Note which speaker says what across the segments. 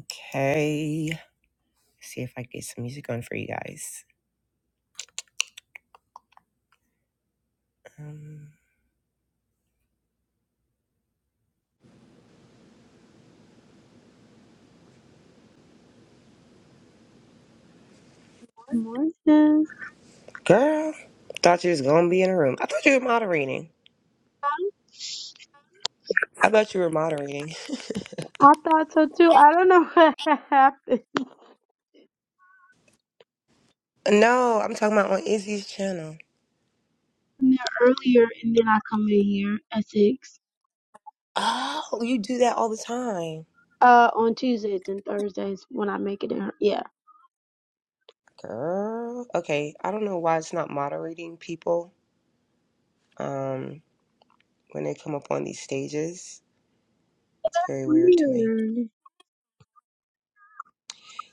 Speaker 1: Okay. See if I can get some music on for you guys. Um,
Speaker 2: Morning.
Speaker 1: girl, thought you was gonna be in the room. I thought you were moderating. I thought you were moderating.
Speaker 2: I thought so too. I don't know what happened.
Speaker 1: No, I'm talking about on Izzy's channel.
Speaker 2: Now, Earlier, and then I come in here at six.
Speaker 1: Oh, you do that all the time,
Speaker 2: Uh, on Tuesdays and Thursdays when I make it in. Her. Yeah.
Speaker 1: girl. Okay, I don't know why it's not moderating people. Um, when they come up on these stages, it's very weird to me.
Speaker 2: Weird.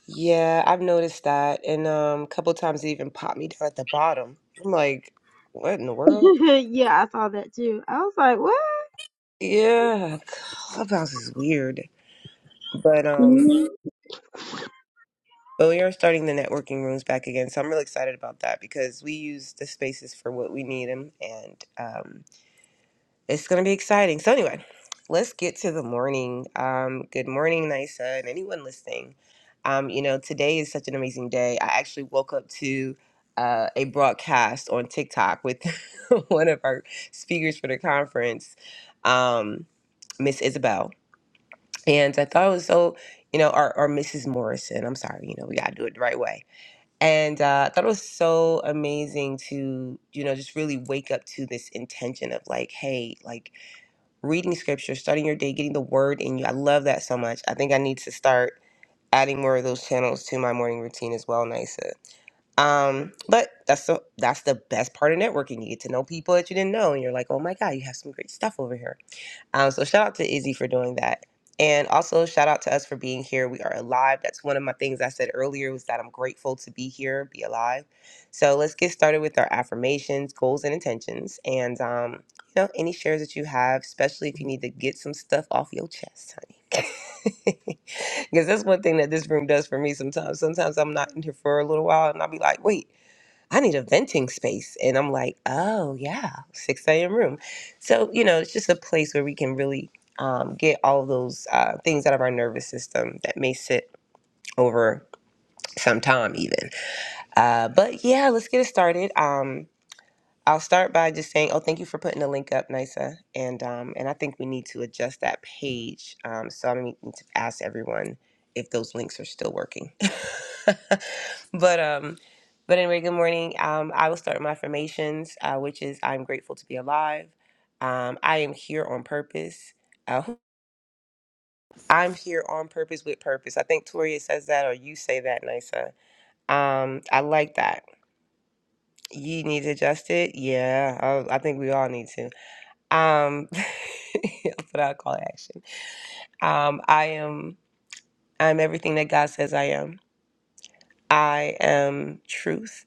Speaker 1: Yeah, I've noticed that, and um, a couple times it even popped me down at the bottom. I'm like, what in the world?
Speaker 2: yeah, I saw that too. I was like, what?
Speaker 1: Yeah, Clubhouse is weird. But um Mhm.
Speaker 2: Mhm.
Speaker 1: but we are starting the networking rooms back again, so I'm really excited about that because we use the spaces for what we need them, and um, it's gonna be exciting. So anyway, let's get to the morning. Um, good morning, Nisa, and anyone listening. Um, you know, today is such an amazing day. I actually woke up to uh, a broadcast on TikTok with one of our speakers for the conference, um, Miss Isabel And I thought it was so, you know, or, or Mrs. Morrison. I'm sorry, you know, we got to do it the right way. And uh, I thought it was so amazing to, you know, just really wake up to this intention of like, hey, like reading scripture, starting your day, getting the word in you. I love that so much. I think I need to start adding more of those channels to my morning routine as well, Nisa. Um, but that's the that's the best part of networking. You get to know people that you didn't know, and you're like, oh my god, you have some great stuff over here. Um, so shout out to Izzy for doing that. And also shout out to us for being here. We are alive. That's one of my things I said earlier was that I'm grateful to be here, be alive. So let's get started with our affirmations, goals, and intentions. And um, you know, any shares that you have, especially if you need to get some stuff off your chest, honey. Because that's one thing that this room does for me sometimes. Sometimes I'm not in here for a little while and I'll be like, wait. I need a venting space. And I'm like, oh, yeah, 6 a.m. room. So, you know, it's just a place where we can really um, get all those uh, things out of our nervous system that may sit over some time, even. Uh, but yeah, let's get it started. Um, I'll start by just saying, oh, thank you for putting the link up, Nisa. And um, and I think we need to adjust that page. Um, so I'm going to need to ask everyone if those links are still working. but um, but anyway, good morning. Um, I will start with my affirmations, uh, which is I'm grateful to be alive. Um, I am here on purpose. Uh, I'm here on purpose with purpose. I think Toria says that, or you say that, Nisa. Um, I like that. You need to adjust it. Yeah, I, I think we all need to. Um, that's what I call action. Um, I am. I'm everything that God says I am. I am truth.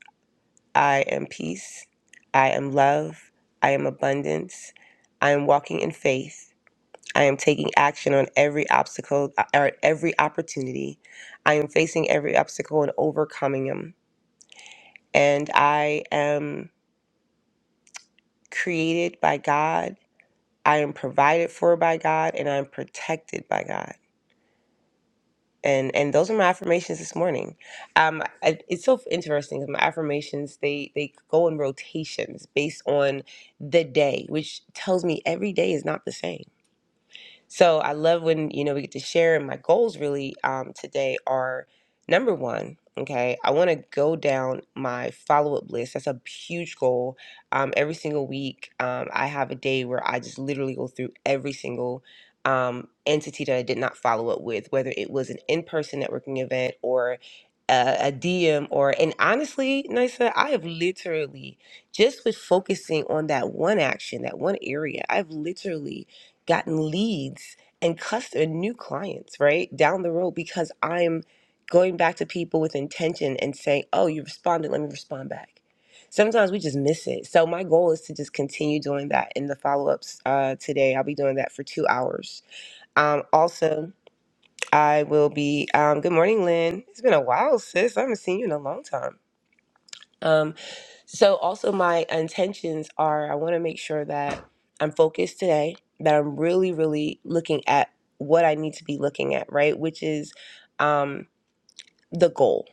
Speaker 1: I am peace. I am love. I am abundance. I am walking in faith. I am taking action on every obstacle uh, or every opportunity. I am facing every obstacle and overcoming them. And I am created by God. I am provided for by God, and I am protected by God. and and those are my affirmations this morning um I, it's so interesting 'cause my affirmations they they go in rotations based on the day which tells me every day is not the same so I love when, you know, we get to share. And my goals really um, today are number one, okay, I want to go down my follow up list. That's a huge goal. Um, every single week, um, I have a day where I just literally go through every single um, entity that I did not follow up with, whether it was an in person networking event or a, a DM or, and honestly, Nisa, I have literally just with focusing on that one action, that one area, I've literally gotten leads and customer new clients right down the road because i'm going back to people with intention and saying oh you responded let me respond back sometimes we just miss it so my goal is to just continue doing that in the follow-ups uh, today i'll be doing that for two hours um, also i will be um, good morning lynn it's been a while sis i haven't seen you in a long time Um, so also my intentions are I want to make sure that I'm focused today, that I'm really, really looking at what I need to be looking at, right? Which is um, the goal.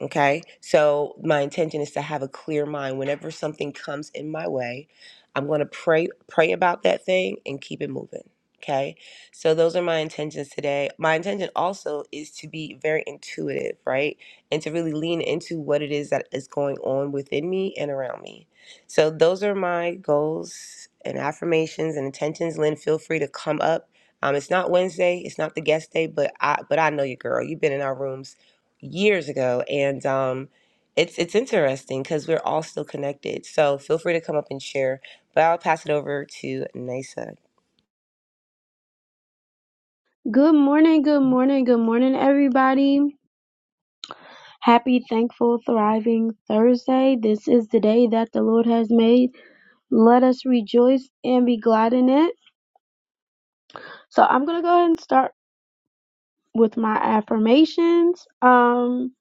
Speaker 1: Okay. So my intention is to have a clear mind. Whenever something comes in my way, I'm going to pray, pray about that thing and keep it moving. Okay. So those are my intentions today. My intention also is to be very intuitive, right? And to really lean into what it is that is going on within me and around me. So those are my goals and affirmations and intentions. Lynn, feel free to come up. Um, it's not Wednesday, it's not the guest day, but I but I know you, girl. You've been in our rooms years ago and um it's it's interesting because we're all still connected so feel free to come up and share but i'll pass it over to nisa
Speaker 2: Good morning, good morning, good morning, everybody. Happy, thankful, thriving Thursday. This is the day that the Lord has made. Let us rejoice and be glad in it. So I'm gonna go ahead and start. with my affirmations. Um,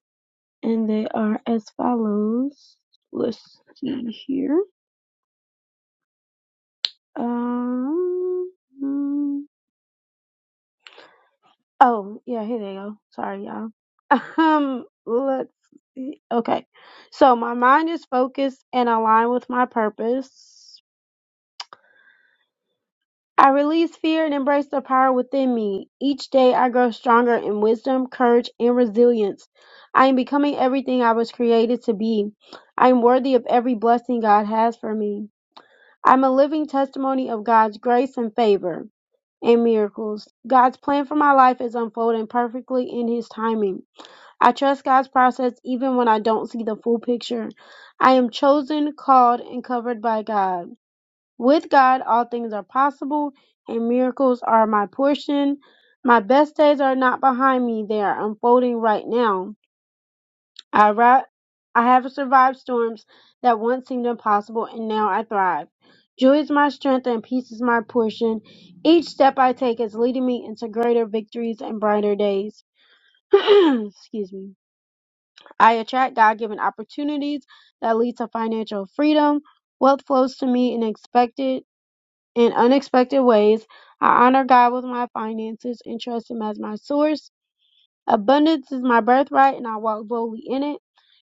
Speaker 2: and they are as follows. Let's see here. Um, mm, oh, yeah, here they go. Sorry, y'all. Um, let's see. Okay. So my mind is focused and aligned with my purpose. I release fear and embrace the power within me. Each day I grow stronger in wisdom, courage, and resilience. I am becoming everything I was created to be. I am worthy of every blessing God has for me. I'm a living testimony of God's grace and favor and miracles. God's plan for my life is unfolding perfectly in His timing. I trust God's process even when I don't see the full picture. I am chosen, called, and covered by God. With God all things are possible and miracles are my portion. My best days are not behind me, they are unfolding right now. I ri- I have survived storms that once seemed impossible and now I thrive. Joy is my strength and peace is my portion. Each step I take is leading me into greater victories and brighter days. Excuse me. I attract God-given opportunities that lead to financial freedom. Wealth flows to me in expected in unexpected ways. I honor God with my finances and trust Him as my source. Abundance is my birthright and I walk boldly in it.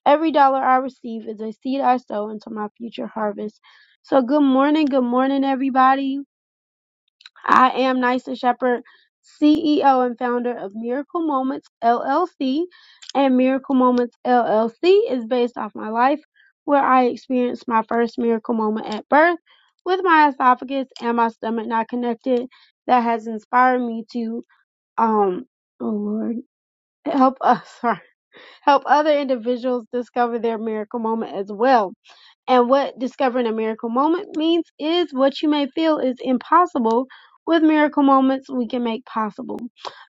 Speaker 2: Every dollar I receive is a seed I sow into my future harvest. So, good morning, good morning, everybody. I am Nysa Shepherd, CEO and founder of Miracle Moments LLC. And Miracle Moments LLC is based off my life, where I experienced my first miracle moment at birth with my esophagus and my stomach not connected. That has inspired me to, um, oh Lord, help us, sorry, help other individuals discover their miracle moment as well. And what discovering a miracle moment means is what you may feel is impossible with miracle moments we can make possible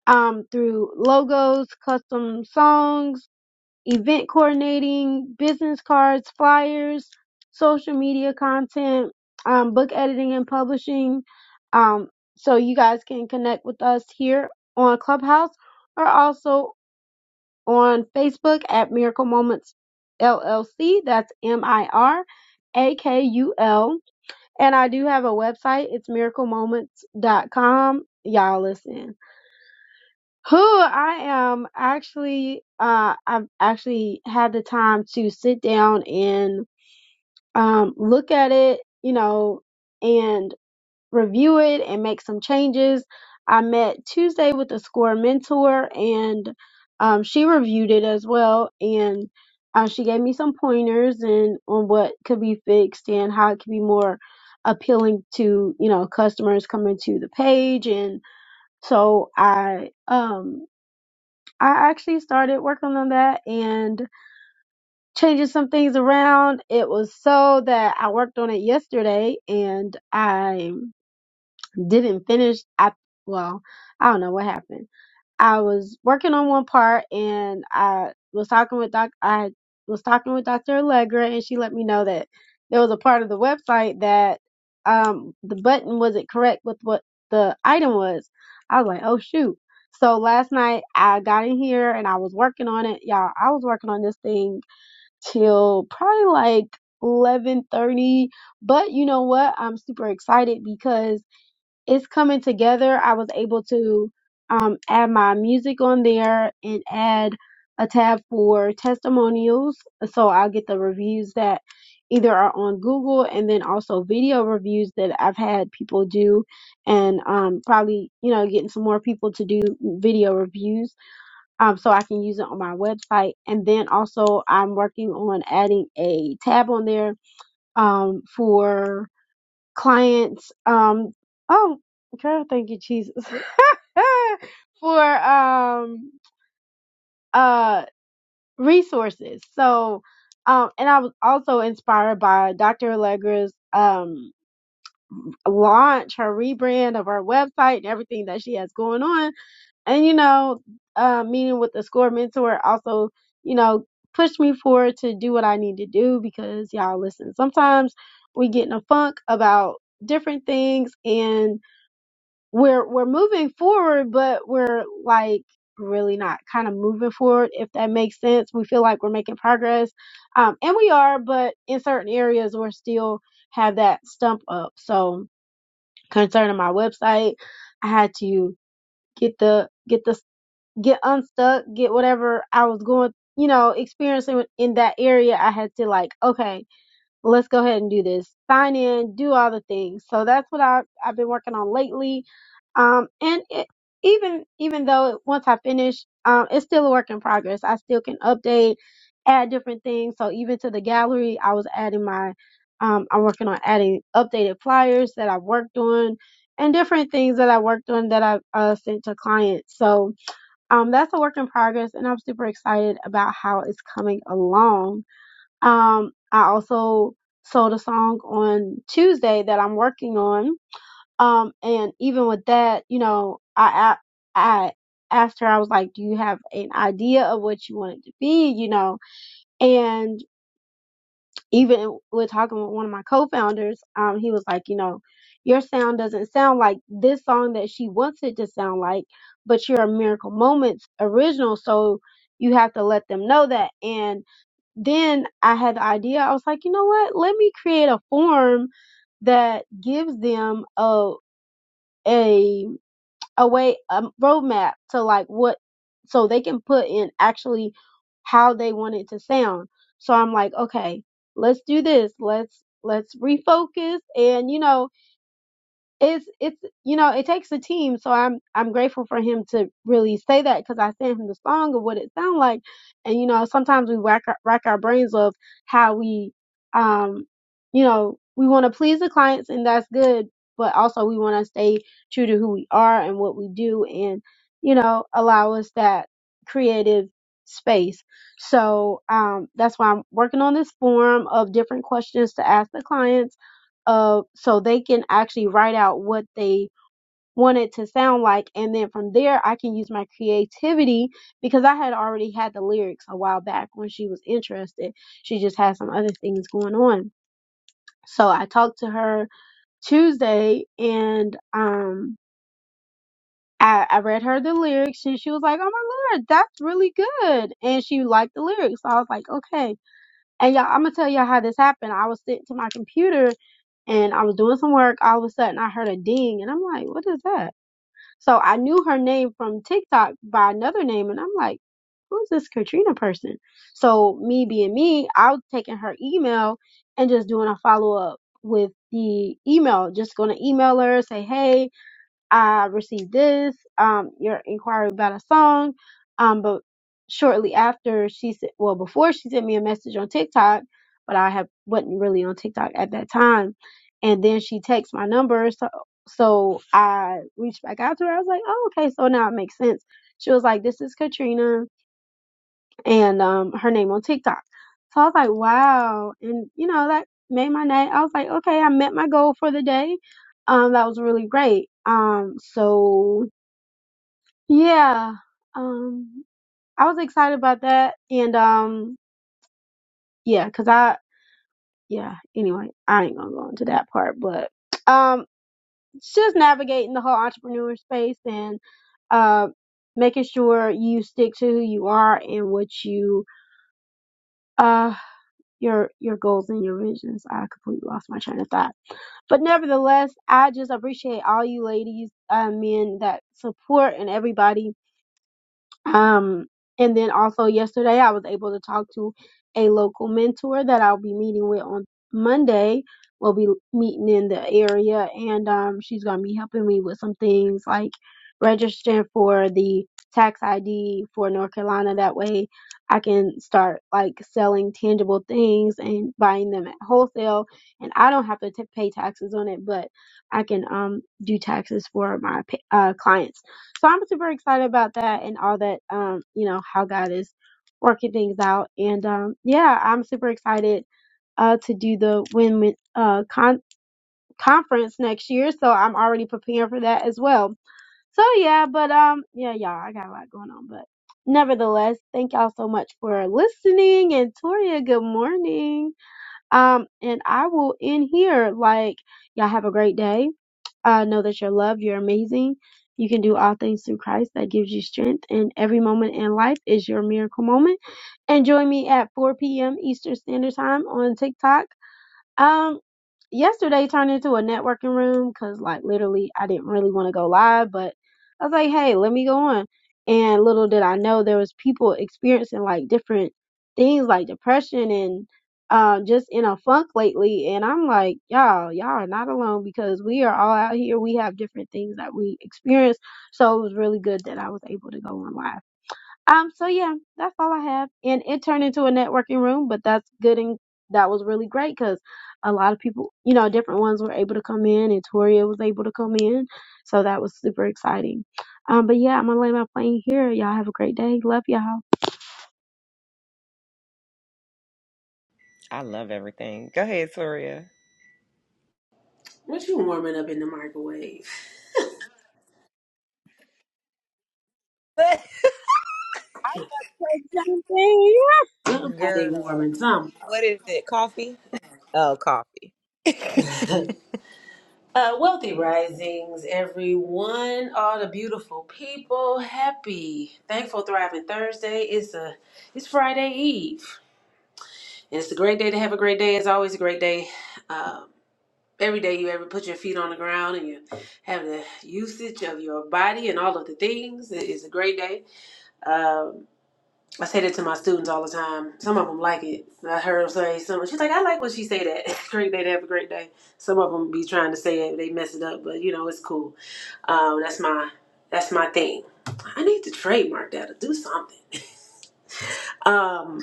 Speaker 2: um, through logos, custom songs, event coordinating, business cards, flyers, social media content, um, book editing and publishing. Um, so you guys can connect with us here on Clubhouse or also on Facebook at Miracle Moments LLC. That's M I R A K U L. And I do have a website. It's miracle moments dot com. Y'all listen. Who I am actually, uh, I've actually had the time to sit down and um, look at it, you know, and review it and make some changes. I met Tuesday with a score mentor and um, she reviewed it as well. And uh, she gave me some pointers and on what could be fixed and how it could be more appealing to, you know, customers coming to the page. And so I, um, I actually started working on that and changing some things around. It was so that I worked on it yesterday and I didn't finish. I well, I don't know what happened. I was working on one part, and I was talking with doc. I was talking with Dr. Allegra, and she let me know that there was a part of the website that um the button wasn't correct with what the item was. I was like, oh shoot. So last night I got in here and I was working on it, y'all. I was working on this thing till probably like eleven thirty. But you know what? I'm super excited because it's coming together. I was able to um, add my music on there and add a tab for testimonials. So I'll get the reviews that either are on Google and then also video reviews that I've had people do and um, probably, you know, getting some more people to do video reviews um, so I can use it on my website. And then also I'm working on adding a tab on there um, for clients um oh girl thank you jesus for um uh resources so um and i was also inspired by dr allegra's um launch her rebrand of her website and everything that she has going on and you know uh meeting with the score mentor also you know pushed me forward to do what i need to do because y'all listen sometimes we get in a funk about different things and we're we're moving forward, but we're like really not kind of moving forward, if that makes sense. We feel like we're making progress, um, and we are, but in certain areas we're still have that stump up. So concerning my website, I had to get the get the get unstuck, get whatever I was going, you know, experiencing in that area. I had to like, okay let's go ahead and do this. Sign in, do all the things. So that's what i I've been working on lately. Um, and it, even, even though it- once I finish, um, it's still a work in progress. I still can update, add different things. So even to the gallery, I was adding my, um, I'm working on adding updated flyers that I worked on and different things that I worked on that I uh, sent to clients. So, um, that's a work in progress and I'm super excited about how it's coming along. Um, I also sold a song on Tuesday that I'm working on. Um, and even with that, you know, I, I, I asked her, I was like, do you have an idea of what you want it to be? You know, and even with talking with one of my co-founders, um, he was like, you know, your sound doesn't sound like this song that she wants it to sound like, but you're a Miracle Moments original. So you have to let them know that. And then I had the idea. I was like, you know what? Let me create a form that gives them a a a way a roadmap to like what so they can put in actually how they want it to sound. So I'm like, okay, let's do this. Let's let's refocus and you know it's it's you know it takes a team so i'm i'm grateful for him to really say that because i sent him the song of what it sound like and you know sometimes we rack our, rack our brains of how we um you know we want to please the clients and that's good but also we want to stay true to who we are and what we do and you know allow us that creative space so um that's why i'm working on this form of different questions to ask the clients uh, so they can actually write out what they want it to sound like. And then from there, I can use my creativity because I had already had the lyrics a while back when she was interested. She just had some other things going on. So I talked to her Tuesday and, um, I, I read her the lyrics and she was like, Oh my lord, that's really good. And she liked the lyrics. So I was like, Okay. And y'all, I'm gonna tell y'all how this happened. I was sitting to my computer and I was doing some work. All of a sudden, I heard a ding, and I'm like, "What is that?" So I knew her name from TikTok by another name, and I'm like, "Who is this Katrina person?" So me being me, I was taking her email and just doing a follow up with the email, just going to email her, say, "Hey, I received this, um, your inquiry about a song. Um, but shortly after she said, well, before she sent me a message on TikTok, but I have wasn't really on TikTok at that time. And then she texted my number. So, so I reached back out to her. I was like, oh, okay. So now it makes sense. She was like, this is Katrina and um, her name on TikTok. So I was like, wow. And, you know, that made my night. I was like, okay, I met my goal for the day. Um, that was really great. Um, so yeah, um, I was excited about that. And, um, yeah, cause I, yeah, anyway, I ain't gonna go into that part, but, um, it's just navigating the whole entrepreneur space and, uh, making sure you stick to who you are and what you, uh. your your goals and your visions. I completely lost my train of thought. But nevertheless, I just appreciate all you ladies, uh, men that support and everybody um, and then also yesterday, I was able to talk to a local mentor that I'll be meeting with on Monday. We'll be meeting in the area, and um, she's gonna be helping me with some things like registering for the tax ID for North Carolina. That way, I can start like selling tangible things and buying them at wholesale, and I don't have to t- pay taxes on it, but I can um do taxes for my pa- uh, clients so I'm super excited about that and all that, um, you know, how God is working things out. And um, yeah, I'm super excited uh, to do the Win Win uh, con- conference next year. So I'm already preparing for that as well. So yeah, but um, yeah, y'all, I got a lot going on, but nevertheless, thank y'all so much for listening. And Toria, good morning. Um, and I will end here. Like y'all have a great day I know that you're loved, you're amazing, you can do all things through Christ that gives you strength, and every moment in life is your miracle moment. And join me at 4 p.m. Eastern Standard Time on TikTok um, yesterday turned into a networking room because, like, literally, I didn't really want to go live, but I was like, hey, let me go on. And little did I know there was people experiencing like different things like depression and um just in a funk lately. And I'm like, y'all, y'all are not alone because we are all out here. We have different things that we experience. So it was really good that I was able to go on live. Um, so yeah, that's all I have. And it turned into a networking room, but that's good and that was really great because a lot of people, you know, different ones were able to come in and Toria was able to come in. So that was super exciting. Um, but yeah, I'm gonna lay my plane here. Y'all have a great day. Love y'all.
Speaker 1: I love everything. Go ahead, Toria.
Speaker 3: What you warming up in the microwave?
Speaker 2: Same thing.
Speaker 3: Somebody
Speaker 1: girl
Speaker 3: warming something.
Speaker 1: what is it coffee oh coffee
Speaker 3: Uh, wealthy risings, everyone, all the beautiful people, happy, thankful, thriving Thursday. It's a, it's Friday Eve, and it's a great day to have a great day. It's always a great day. Um, every day you ever put your feet on the ground and you have the usage of your body and all of the things it is a great day. Um. I say that to my students all the time. Some of them like it. I heard them say some. She's like, I like when she say that. great day to have a great day. Some of them be trying to say it, they mess it up, but you know it's cool. Um, that's my that's my thing. I need to trademark that or do something. Um,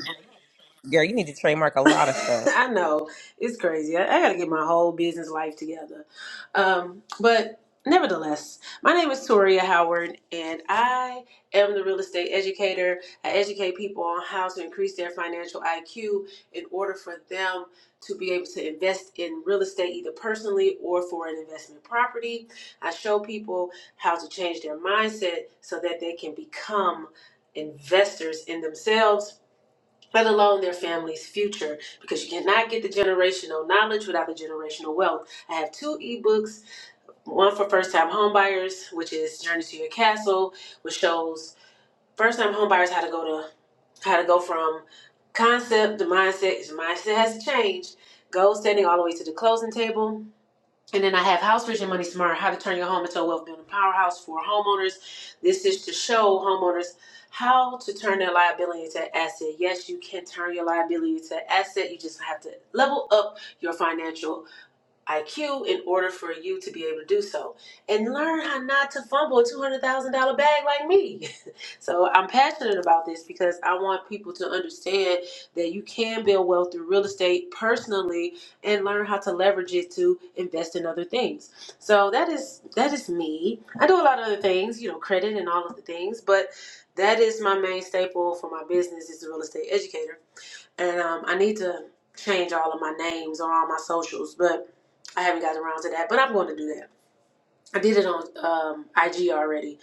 Speaker 1: girl you need to trademark a lot of stuff
Speaker 3: I know it's crazy. I, I got to get my whole business life together. Um, but nevertheless, my name is Toria Howard, and I am the real estate educator. I educate people on how to increase their financial IQ in order for them to be able to invest in real estate either personally or for an investment property. I show people how to change their mindset so that they can become investors in themselves let alone their family's future, because you cannot get the generational knowledge without the generational wealth. I have two ebooks, one for first time homebuyers, which is Journey to Your Castle, which shows first time homebuyers how to go to how to go from concept to mindset. 'cause Mindset has to change. Goal setting all the way to the closing table and then I have House Vision Money Smart, how to turn your home into a wealth building powerhouse for homeowners. This is to show homeowners how to turn their liability into asset. Yes, you can turn your liability to asset. You just have to level up your financial IQ in order for you to be able to do so and learn how not to fumble a $200,000 bag like me. so I'm passionate about this because I want people to understand that you can build wealth through real estate personally and learn how to leverage it to invest in other things. So that is that is me. I do a lot of other things, you know, credit and all of the things, but that is my main staple for my business is the real estate educator and um, I need to change all of my names on all my socials, but I haven't gotten around to that. But I'm going to do that. I did it on um, IG already,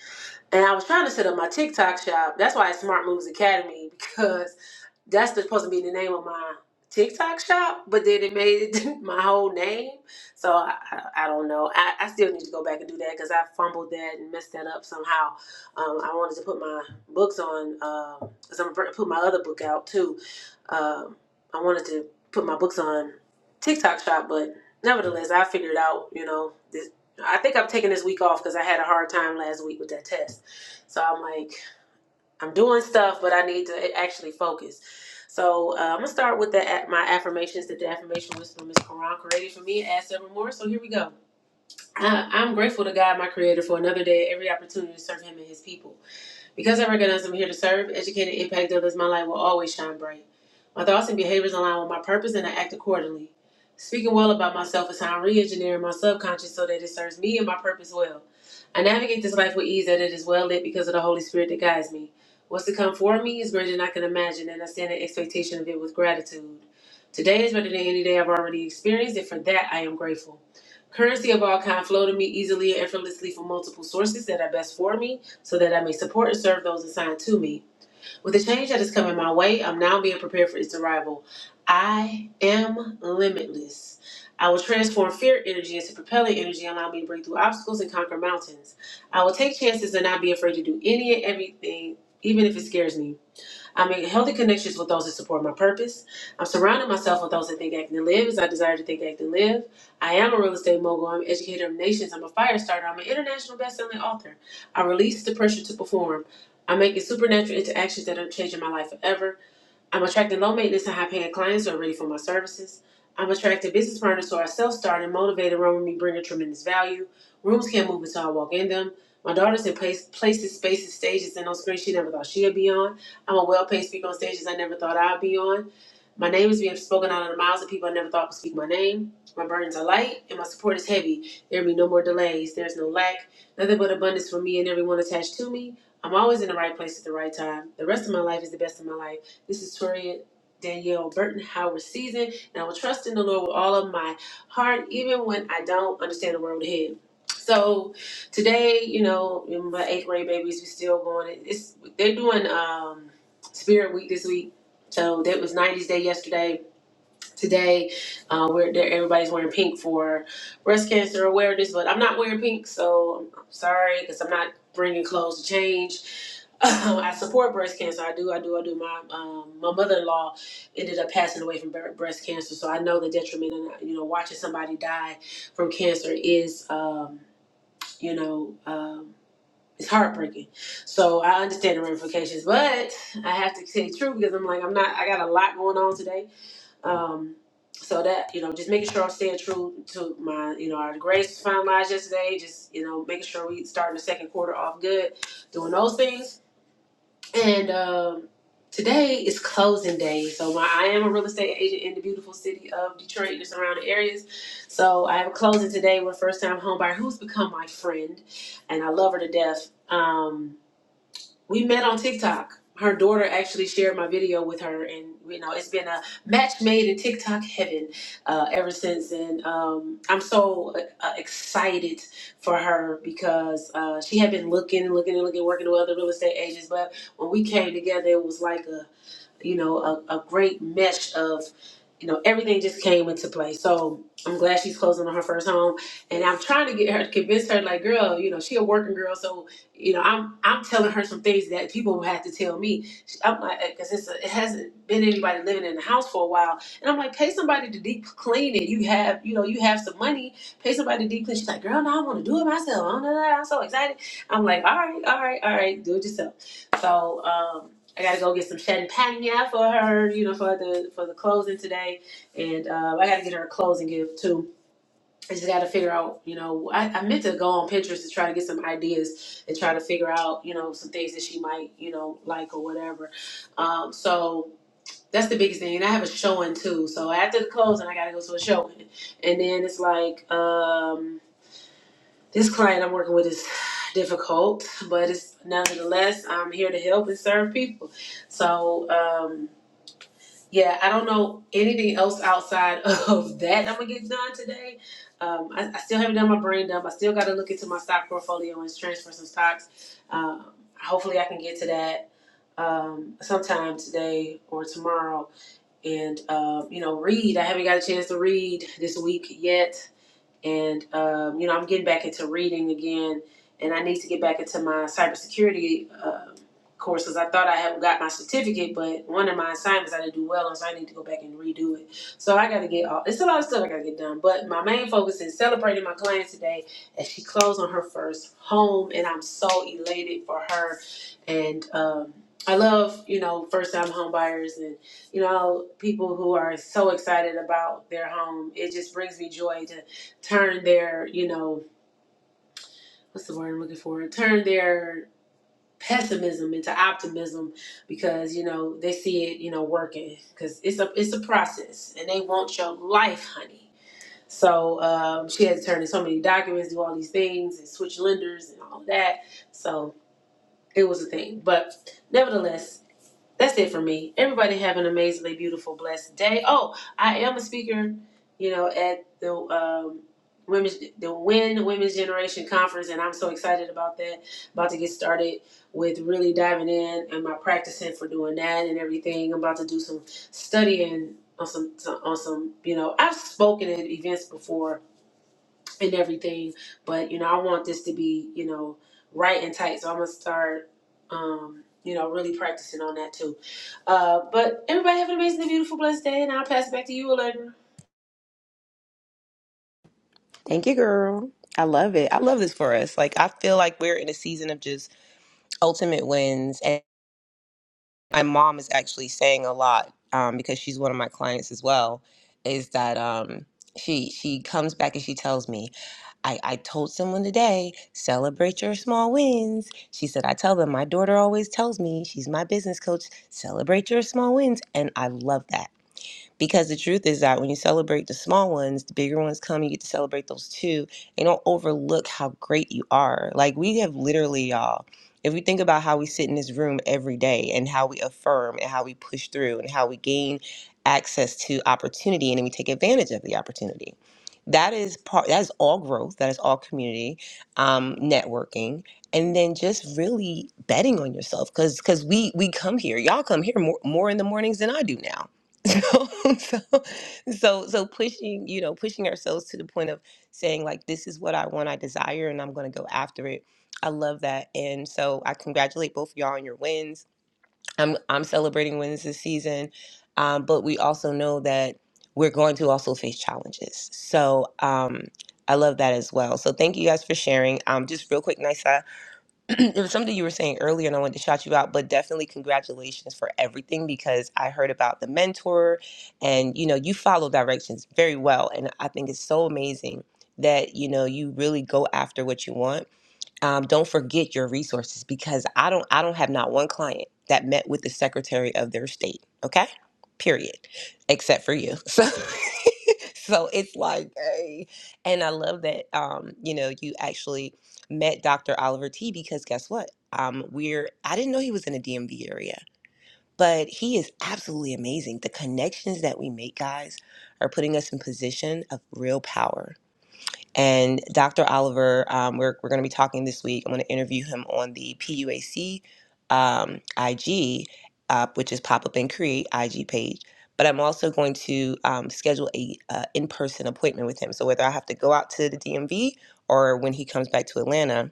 Speaker 3: and I was trying to set up my TikTok shop. That's why it's Smart Moves Academy because that's the- supposed to be the name of my TikTok shop, but then it made it my whole name. So I, I, I don't know. I, I still need to go back and do that because I fumbled that and messed that up somehow. Um, I wanted to put my books on, um 'cause I'm gonna put my other book out too. Um, I wanted to put my books on TikTok shop, but nevertheless, I figured out, you know, this. I think I'm taking this week off because I had a hard time last week with that test. So I'm like, I'm doing stuff, but I need to actually focus. So uh, I'm gonna start with the my affirmations that the affirmation whisperer, Miss Quran created for me and add several more. So here we go. I, I'm grateful to God, my Creator, for another day, every opportunity to serve Him and His people. Because I recognize I'm here to serve, educate, and impact others, my light will always shine bright. My thoughts and behaviors align with my purpose, and I act accordingly. Speaking well about myself is how I'm re-engineering my subconscious so that it serves me and my purpose well. I navigate this life with ease, that it is well lit because of the Holy Spirit that guides me. What's to come for me is greater than I can imagine, and I stand in expectation of it with gratitude. Today is better than any day I've already experienced, and for that I am grateful. Currency of all kind flow to me easily and effortlessly from multiple sources that are best for me so that I may support and serve those assigned to me. With the change that is coming my way, I'm now being prepared for its arrival. I am limitless. I will transform fear energy into propelling energy, allowing me to break through obstacles and conquer mountains. I will take chances and not be afraid to do any and everything, even if it scares me. I make healthy connections with those that support my purpose. I'm surrounding myself with those that think, act, and live as I desire to think, act, and live. I am a real estate mogul. I'm an educator of nations. I'm a fire starter. I'm an international best-selling author. I release the pressure to perform. I'm making supernatural interactions that are changing my life forever. I'm attracting low maintenance and high paying clients who are ready for my services. I'm attracting business partners who are self starting, motivated, run with me, bringing tremendous value. Rooms can't move until I walk in them. My daughter's in place, places, spaces, stages, and on screen she never thought she'd be on. I'm a well paid speaker on stages I never thought I'd be on. My name is being spoken out of the mouths of people I never thought could speak my name. My burdens are light and my support is heavy. There will be no more delays. There's no lack. Nothing but abundance for me and everyone attached to me. I'm always in the right place at the right time. The rest of my life is the best of my life. This is Toria Danielle Burton Howard season, and I will trust in the Lord with all of my heart, even when I don't understand the world ahead. So today, you know, in my eighth grade babies, we still going. It's they're doing um, Spirit Week this week. So that was 90s Day yesterday today. Uh, we're there. Everybody's wearing pink for breast cancer awareness, but I'm not wearing pink, so I'm sorry because I'm not bringing clothes to change. Um, I support breast cancer. I do. I do. I do. My um, my mother in law ended up passing away from bre- breast cancer, so I know the detriment. And you know, watching somebody die from cancer is, um, you know. Um, it's heartbreaking, so I understand the ramifications, but I have to say true because I'm like I'm not. I got a lot going on today, um, so that you know, just making sure I'm staying true to my you know our grades was finalized yesterday. Just you know, making sure we starting the second quarter off good, doing those things. And um, today is closing day, so my, I am a real estate agent in the beautiful city of Detroit and the surrounding areas. So I have a closing today with a first time home buyer who's become my friend, and I love her to death. Um, we met on TikTok. Her daughter actually shared my video with her, and you know it's been a match made in TikTok heaven uh, ever since. And um, I'm so uh, uh, excited for her because uh, she had been looking and looking and looking, working with other real estate agents. But when we came together, it was like a you know, a, a great mesh of, you know, everything just came into play. So I'm glad she's closing on her first home. And I'm trying to get her to convince her, like, girl, you know, she a working girl. So, you know, I'm I'm telling her some things that people will have to tell me. She- I'm like, because it's a, it hasn't been anybody living in the house for a while. And I'm like, pay somebody to deep clean it. You have, you know, you have some money. Pay somebody to deep clean. She's like, girl, no, I want to do it myself. I don't know that. I'm so excited. I'm like, all right, all right, all right, do it yourself. So, um, I gotta go get some champagne for her, you know, for the for the closing today, and uh, I gotta get her a closing gift too. I just gotta figure out, you know, I, I meant to go on Pinterest to try to get some ideas and try to figure out, you know, some things that she might, you know, like or whatever. Um, so that's the biggest thing. And I have a showing too. So after the closing, I gotta go to a showing, and then it's like um, this client I'm working with is difficult, but it's nonetheless I'm here to help and serve people. So. Um, yeah, I don't know anything else outside of that I'm gonna get done today. Um, I, I still haven't done my brain dump. I still got to look into my stock portfolio and transfer some stocks. Um, hopefully, I can get to that um, sometime today or tomorrow. And um, you know, read. I haven't got a chance to read this week yet and um, you know I'm getting back into reading again, and I need to get back into my cybersecurity um courses. I thought I had got my certificate, but one of my assignments I didn't do well on, so I need to go back and redo it. So I got to get all. It's a lot of stuff I got to get done, but my main focus is celebrating my client today as she closed on her first home, and I'm so elated for her, and. Um, I love, you know, first time home buyers and, you know, people who are so excited about their home. It just brings me joy to turn their, you know, what's the word I'm looking for? Turn their pessimism into optimism because you know they see it, you know, working because it's a it's a process and they want your life, honey. So um, she had to turn in so many documents, do all these things, and switch lenders and all that. So it was a thing, but nevertheless. that's it for me. Everybody have an amazingly beautiful, blessed day. Oh, I am a speaker, you know, at the um, women's the Win Women's Generation Conference, and I'm so excited about that. About to get started with really diving in and my practicing for doing that and everything. I'm about to do some studying on some on some you know I've spoken at events before and everything. But you know, I want this to be you know right and tight. So I'm gonna start um, you know really practicing on that too. Uh, but everybody have an amazing, beautiful, blessed day, and I'll pass it back to you, later.
Speaker 1: Thank you, girl. i love it i love this for us like i feel like we're in a season of just ultimate wins my mom is actually saying a lot um, because she's one of my clients as well is that um, she she comes back and she tells me I, I told someone today celebrate your small wins she said i tell them my daughter always tells me she's my business coach celebrate your small wins and i love that because the truth is that when you celebrate the small ones, the bigger ones come, you get to celebrate those too. And don't overlook how great you are. Like we have literally, y'all, if we think about how we sit in this room every day and how we affirm and how we push through and how we gain access to opportunity and then we take advantage of the opportunity. That is part that is all growth, that is all community, um, networking, and then just really betting on yourself because because we we come here, y'all come here more more in the mornings than I do now so, so so so pushing you know pushing ourselves to the point of saying like this is what i want i desire and i'm going to go after it i love that and so i congratulate both of y'all on your wins i'm i'm celebrating wins this season um, but we also know that we're going to also face challenges so um i love that as well so thank you guys for sharing um just real quick nice it was something you were saying earlier and I wanted to shout you out, but definitely congratulations for everything because I heard about the mentor and you know, you follow directions very well and I think it's so amazing that you know you really go after what you want um, don't forget your resources because I don't I don't have not one client that met with the Secretary of their state. Okay, period, except for you. So. So it's like, hey. and I love that um, you know you actually met Dr. Oliver T because guess what? Um, we're I didn't know he was in the DMV area, but he is absolutely amazing. The connections that we make, guys, are putting us in position of real power and Dr. Oliver, um, we're, we're going to be talking this week. I'm going to interview him on the PUAC um, IG, uh, which is Pop Up and Create IG page. But I'm also going to um, schedule a uh, in-person appointment with him. So whether I have to go out to the DMV or when he comes back to Atlanta,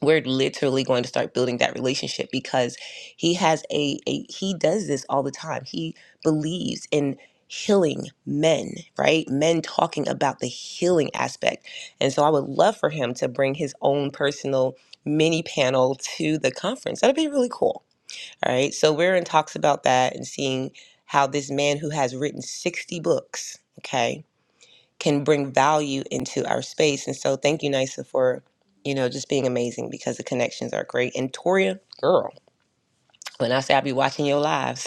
Speaker 1: we're literally going to start building that relationship because he has a, a he does this all the time he believes in healing men right men talking about the healing aspect and so i would love for him to bring his own personal mini panel to the conference that'd be really cool all right so we're in talks about that and seeing how this man who has written 60 books okay can bring value into our space. And so thank you, Nisa, for, you know, just being amazing because the connections are great. And Toria, girl, when I say I be watching your lives,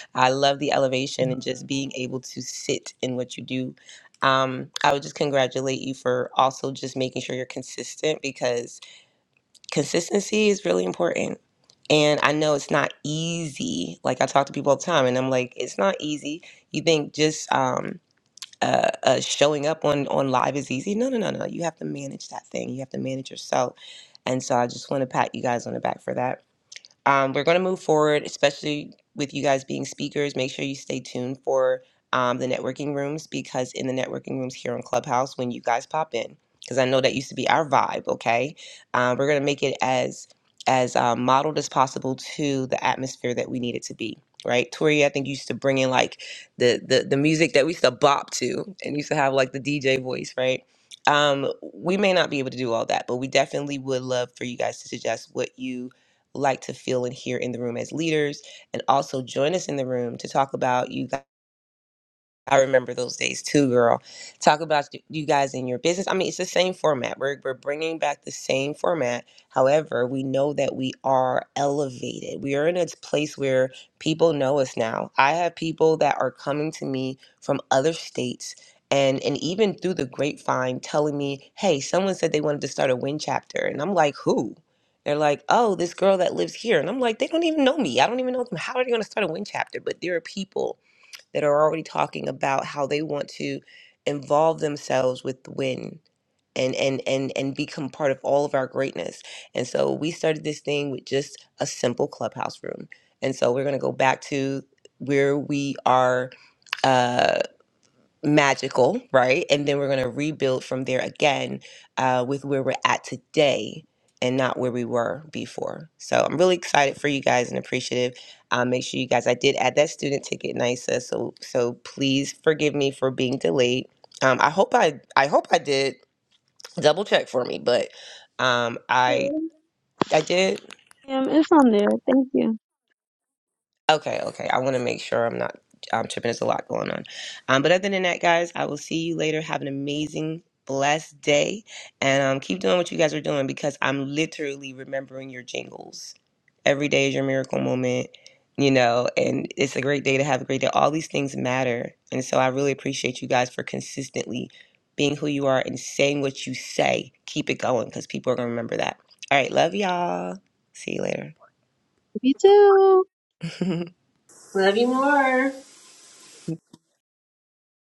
Speaker 1: I love the elevation and just being able to sit in what you do. Um, I would just congratulate you for also just making sure you're consistent because consistency is really important. And I know it's not easy. Like I talk to people all the time and I'm like, it's not easy. You think just um uh, uh, showing up on on live is easy. No, no, no, no. You have to manage that thing. You have to manage yourself. And so I just want to pat you guys on the back for that um, we're going to move forward, especially with you guys being speakers. Make sure you stay tuned for um, the networking rooms because in the networking rooms here on Clubhouse, when you guys pop in, because I know that used to be our vibe. Okay, uh, we're going to make it as as um, modeled as possible to the atmosphere that we need it to be. Right, Tori, I think you used to bring in like the the the music that we used to bop to, and used to have like the DJ voice, right? Um, we may not be able to do all that, but we definitely would love for you guys to suggest what you like to feel and hear in the room as leaders. And also join us in the room to talk about you guys. I remember those days too, girl. Talk about y- you guys in your business. I mean, it's the same format. We're, we're bringing back the same format. However, we know that we are elevated. We are in a place where people know us now. I have people that are coming to me from other states and, and even through the grapevine telling me, hey, someone said they wanted to start a win chapter. And I'm like, who? They're like, oh, this girl that lives here. And I'm like, they don't even know me. I don't even know them. How are they going to start a win chapter? But there are people that are already talking about how they want to involve themselves with the win and and and and become part of all of our greatness. And so we started this thing with just a simple clubhouse room. And so we're going to go back to where we are uh, magical, right? And then we're going to rebuild from there again uh, with where we're at today and not where we were before. So I'm really excited for you guys and appreciative. Um, make sure you guys, I did add that student ticket, NISA. So so please forgive me for being delayed. Um, I hope I I hope I did double check for me, but um, I I did.
Speaker 2: Um, it's on there. Thank you.
Speaker 1: Okay, okay. I want to make sure I'm not um, tripping. There's a lot going on. Um, but other than that, guys, I will see you later. Have an amazing, blessed day. And um, keep doing what you guys are doing because I'm literally remembering your jingles. Every day is your miracle moment, you know, and it's a great day to have a great day. All these things matter. And so I really appreciate you guys for consistently being who you are and saying what you say. Keep it going because people are going to remember that. All right. Love y'all. See you
Speaker 2: You too.
Speaker 1: later.
Speaker 3: Love you more.